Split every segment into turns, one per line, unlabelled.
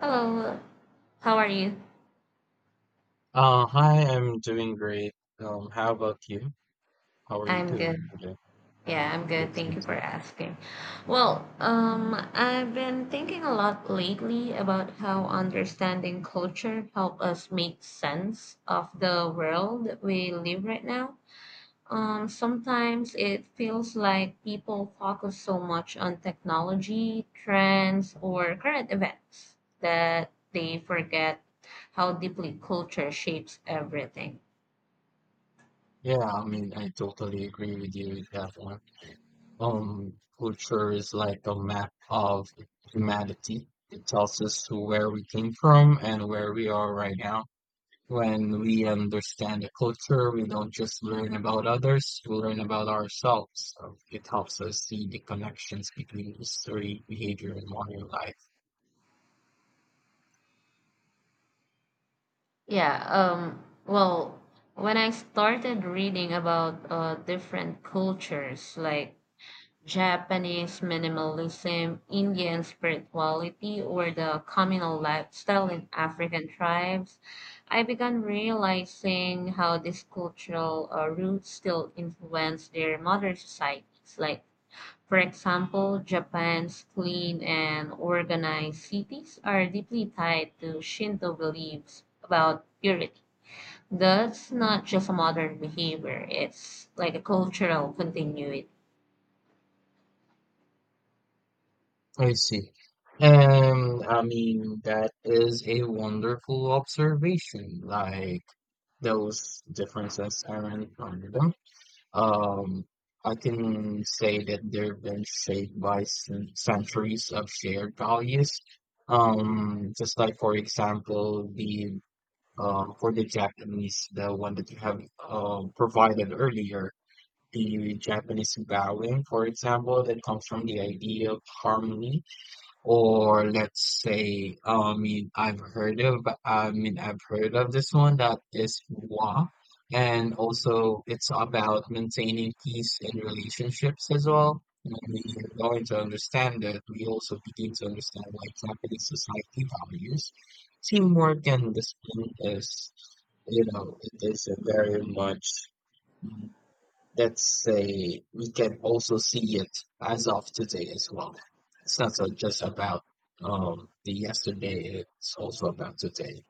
Hello, how are you?
Hi, I'm doing great. How about you? How are you
I'm good.
doing today?
Yeah, I'm good.
Yes, me
Thank you for
too.
asking. Well, I've been thinking a lot lately about how understanding culture help us make sense of the world we live right now. Sometimes it feels like people focus so much on technology, trends, or current events that they forget how deeply culture shapes everything.
Yeah, I mean, I totally agree with you with that one. Culture is like a map of humanity. It tells us where we came from and where we are right now. When we understand the culture, we don't just learn about others, we learn about ourselves. So it helps us see the connections between history, behavior, and modern life.
Yeah, well, when I started reading about different cultures like Japanese minimalism, Indian spirituality, or the communal lifestyle in African tribes, I began realizing how these cultural roots still influence their modern societies. Like, for example, Japan's clean and organized cities are deeply tied to Shinto beliefs about purity. That's not just a modern behavior, it's like a cultural continuity.
I see. And I mean, that is a wonderful observation. Like, those differences aren't random. Um, I can say that they've been shaped by centuries of shared values. Just like, for example, the for the Japanese, the one that you have provided earlier, the Japanese bowing, for example, that comes from the idea of harmony or let's say, I've heard of this one that is Hua, and also it's about maintaining peace in relationships as well. And when you're going to understand that, we also begin to understand like Japanese society values. Teamwork and discipline is, you know, it is a very much Let's say we can also see it as of today as well. It's not so just about the yesterday, it's also about today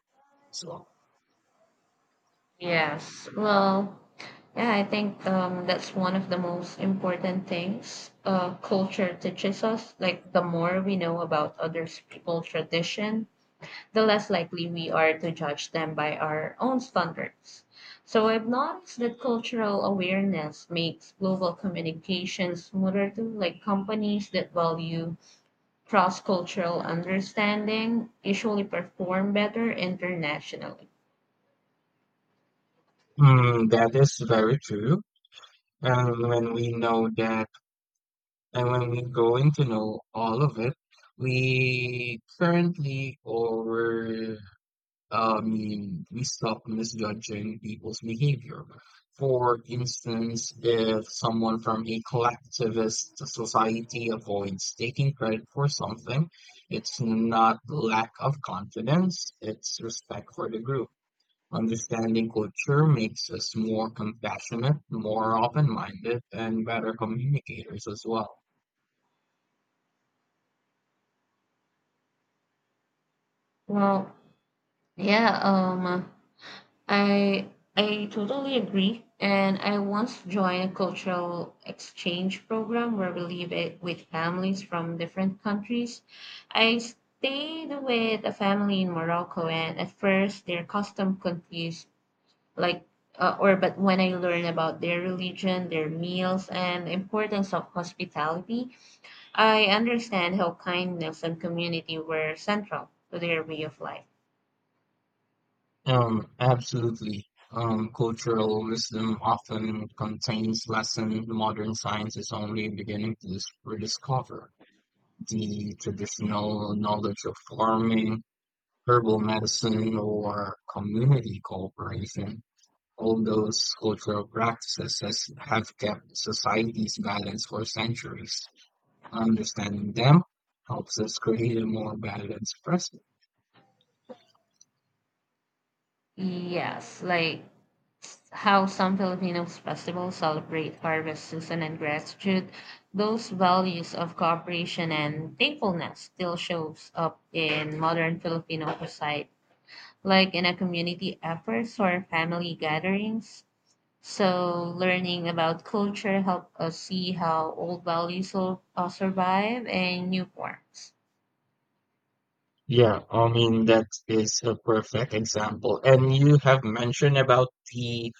as well.
Yes. Well, yeah, I think that's one of the most important things culture teaches us. Like, the more we know about other people tradition, the less likely we are to judge them by our own standards. So, I've noticed that cultural awareness makes global communication smoother too, like companies that value cross cultural understanding usually perform better internationally.
Mm, that is very true. And when we know that, and when we go into know all of it, we currently or we stop misjudging people's behavior. For instance, if someone from a collectivist society avoids taking credit for something, it's not lack of confidence, it's respect for the group. Understanding culture makes us more compassionate, more open minded, and better communicators as well.
Well, yeah, um, I I totally agree. And I once joined a cultural exchange program where we live it with families from different countries. I stayed with a family in Morocco, and at first their custom confused, like, or but when I learned about their religion, their meals, and the importance of hospitality, I understand how kindness and community were central to their way of life.
Absolutely. Cultural wisdom often contains lessons modern science is only beginning to rediscover. The traditional knowledge of farming, herbal medicine, or community cooperation, all those cultural practices have kept societies balanced for centuries. Understanding them helps us create a more balanced present.
Yes, like how some Filipinos festivals celebrate harvest season and gratitude. Those values of cooperation and thankfulness still shows up in modern Filipino society, like in a community efforts or family gatherings. So learning about culture help us see how old values will survive in new forms.
Yeah, I mean that is a perfect example. And you have mentioned about the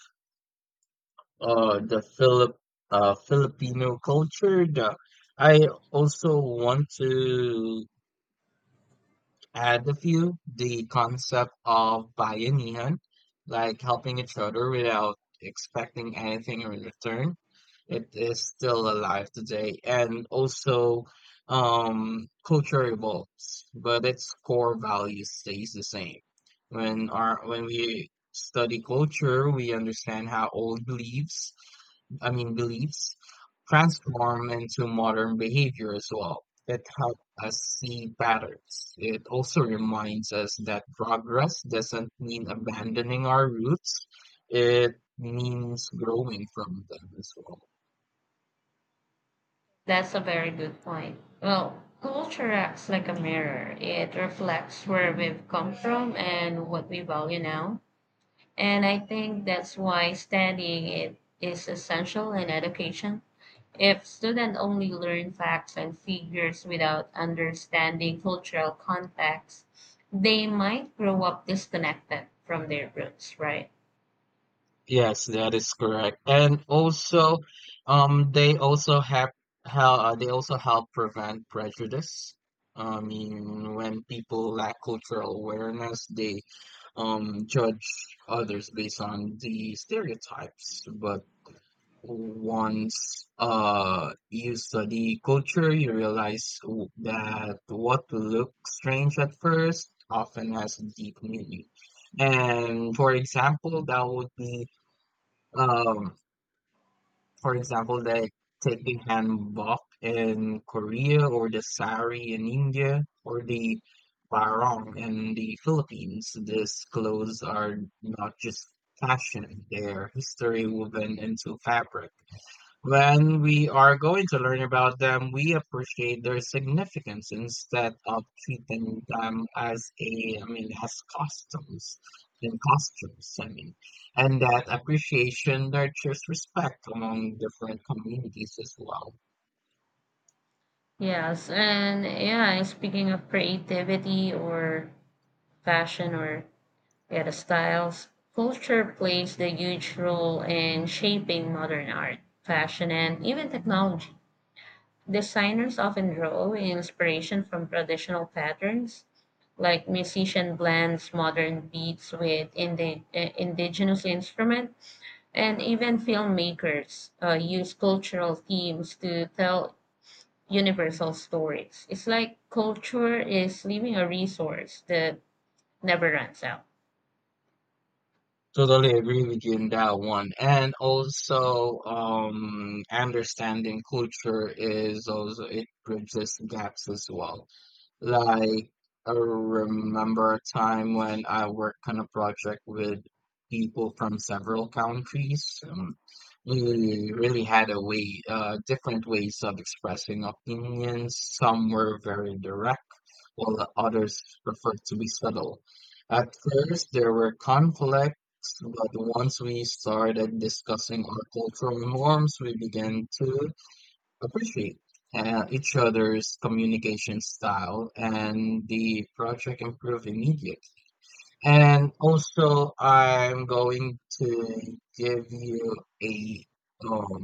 uh the Philip Filipino culture. The, I also want to Add a few, the concept of bayanihan, like helping each other without expecting anything in return. It is still alive today and also culture evolves, but its core value stays the same. When we study culture, we understand how old beliefs I mean, beliefs transform into modern behavior as well. It helps us see patterns. It also reminds us that progress doesn't mean abandoning our roots, it means growing from them as well.
That's a very good point. Well, culture acts like a mirror. It reflects where we've come from and what we value now. And I think that's why studying it is essential in education. If students only learn facts and figures without understanding cultural context, they might grow up disconnected from their roots, right?
Yes, that is correct. And also, they also have how they also help prevent prejudice. I mean, when people lack cultural awareness, they judge others based on the stereotypes but once you study culture you realize that what looks strange at first often has deep meaning and for example that would be um for example, the taking hanbok in Korea, or the sari in India, or the barong in the Philippines. These clothes are not just fashion, they're history woven into fabric. When we are going to learn about them, we appreciate their significance instead of treating them as a, I mean, as customs and costumes, I mean. And that appreciation nurtures respect among different communities as well.
Yes, and yeah, speaking of creativity or fashion or yeah, the styles. Culture plays the huge role in shaping modern art, fashion, and even technology. Designers often draw inspiration from traditional patterns, like musician blends modern beats with indigenous instrument, and even filmmakers use cultural themes to tell universal stories. It's like culture is leaving a resource that never runs out.
Totally agree with you in that one. And also, understanding culture is also, it bridges gaps as well Like, I remember a time when I worked on a project with people from several countries. We really had a way, different ways of expressing opinions. Some were very direct, while the others preferred to be subtle. At first, there were conflicts, but once we started discussing our cultural norms, we began to appreciate each other's communication style and the project improve immediately. And also, I'm going to give you a um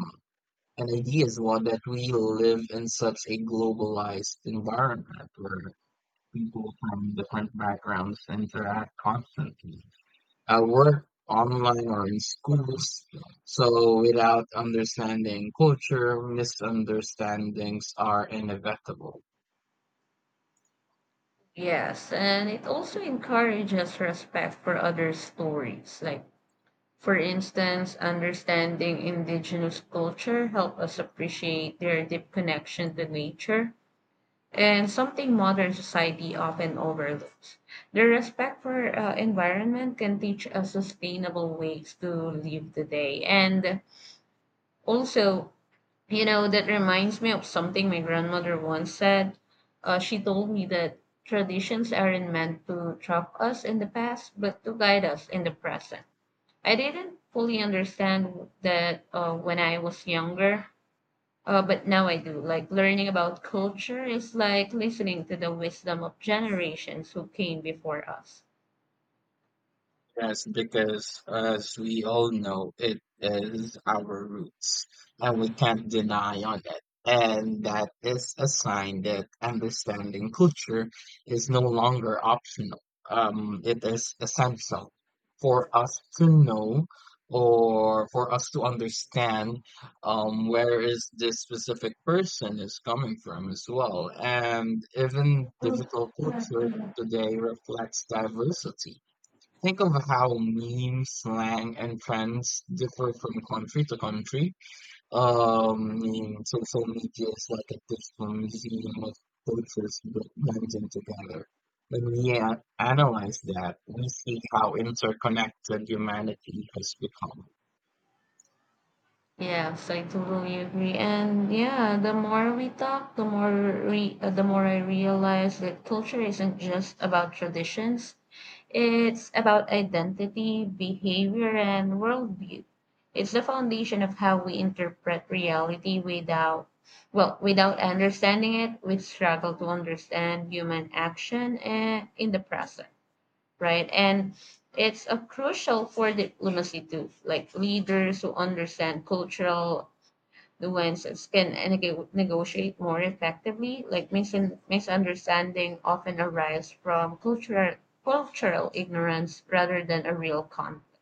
an idea as well that we live in such a globalized environment where people from different backgrounds interact constantly. I work online or in schools. So without understanding culture, misunderstandings are inevitable.
Yes, and it also encourages respect for other stories. Like, for instance, understanding indigenous culture help us appreciate their deep connection to nature and something modern society often overlooks. Their respect for environment can teach us sustainable ways to live today. And also, you know, that reminds me of something my grandmother once said. She told me that traditions aren't meant to trap us in the past, but to guide us in the present. I didn't fully understand that when I was younger, but now I do. Like, learning about culture is like listening to the wisdom of generations who came before us.
Yes, because as we all know, it is our roots, and we can't deny on it. And that is a sign that understanding culture is no longer optional. It is essential for us to know or for us to understand where is this specific person is coming from as well. And even digital culture today reflects diversity Think of how memes, slang, and trends differ from country to country. Um, social media is like a digital museum of cultures blending together. When we analyze that, we see how interconnected humanity has become.
Yes, I totally agree. And yeah, the more we talk, the more re the more I realize that culture isn't just about traditions. It's about identity, behavior, and worldview. It's the foundation of how we interpret reality without, well, without understanding it, we struggle to understand human action in the present, right? And it's crucial for diplomacy too, like leaders who understand cultural the nuances can negotiate more effectively. Like misunderstanding often arise from cultural ignorance rather than a real conflict.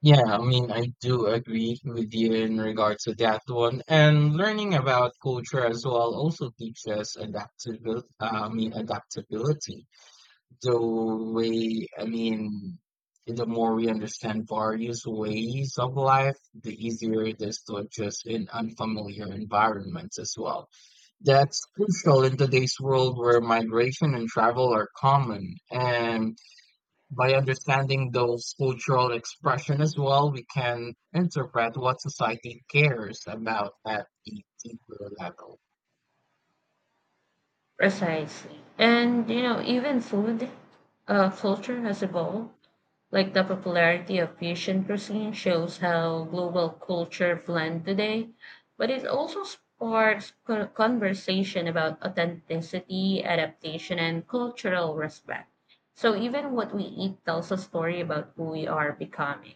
Yeah, I mean, I do agree with you in regards to that one. And learning about culture as well also teaches adaptability, the way I mean, the more we understand various ways of life, the easier it is to adjust in unfamiliar environments as well. That's crucial in today's world where migration and travel are common. And by understanding those cultural expression as well, we can interpret what society cares about at the deeper level.
Precisely. And you know, even food culture has evolved. Like the popularity of fusion cuisine shows how global culture blend today, but it also sparks conversation about authenticity, adaptation, and cultural respect. So even what we eat tells a story about who we are becoming.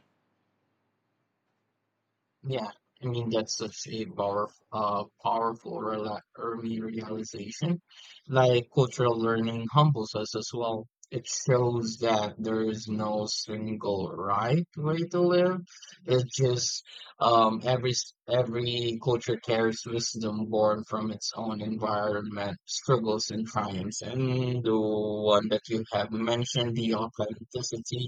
Yeah, I mean that's such a powerful rela early realization. Like cultural learning humbles us as well. It shows that there is no single right way to live. It's just every every culture carries wisdom born from its own environment, struggles and triumphs. And the one that you have mentioned, the authenticity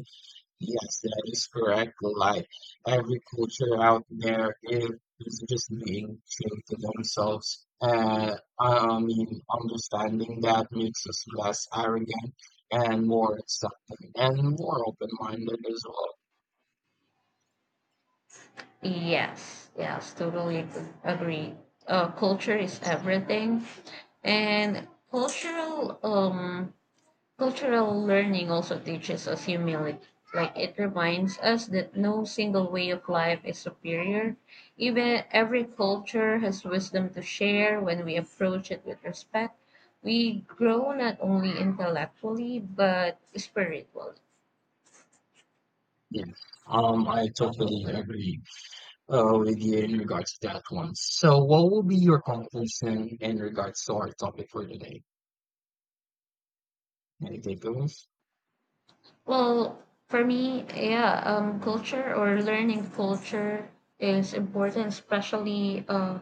Yes, that is correct. Like every culture out there is just being true to themselves. I mean, understanding that makes us less arrogant and more accepting and more open-minded as well.
Yes, yes, totally agree. Culture is
Yes.
everything, and cultural learning also teaches us humility. Like it reminds us that no single way of life is superior. Even every culture has wisdom to share when we approach it with respect. We grow not only intellectually but spiritually.
Yeah. I totally agree with you in regards to that one. So, what will be your conclusion in regards to our topic for today? Any takeaways?
Well, for me, culture or learning culture is important, especially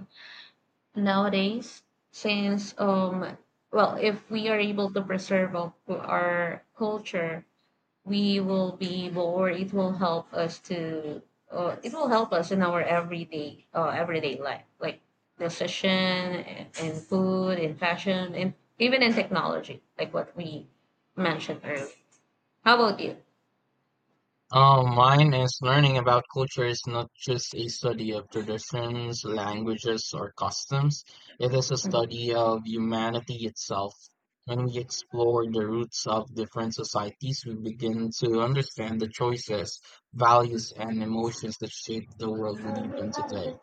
nowadays since, well, if we are able to preserve our culture, we will be able, or it will help us to it will help us in our everyday everyday life, like decision and food and fashion and even in technology, like what we mentioned earlier. How about you?
Mine is learning about culture is not just a study of traditions, languages, or customs. It is a study of humanity itself. When we explore the roots of different societies, we begin to understand the choices, values, and emotions that shape the world we live in today.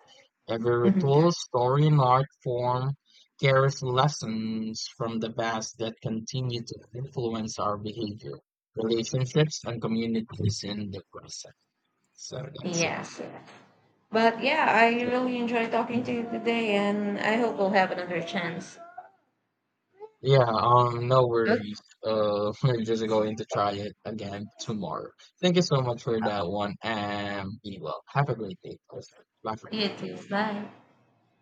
Every
Mhm.
ritual, story, and art form carries lessons from the past that continue to influence our behavior, relationships, and communities in the present. So that's it.
Yes, but yeah, I
So,
really enjoyed talking to you today, and I hope we'll have another chance.
Yeah, no worries. We're just going to try it again tomorrow. Thank you so much for that one, and be well. Have a great day. Bye for now.
Yes, yes. Bye.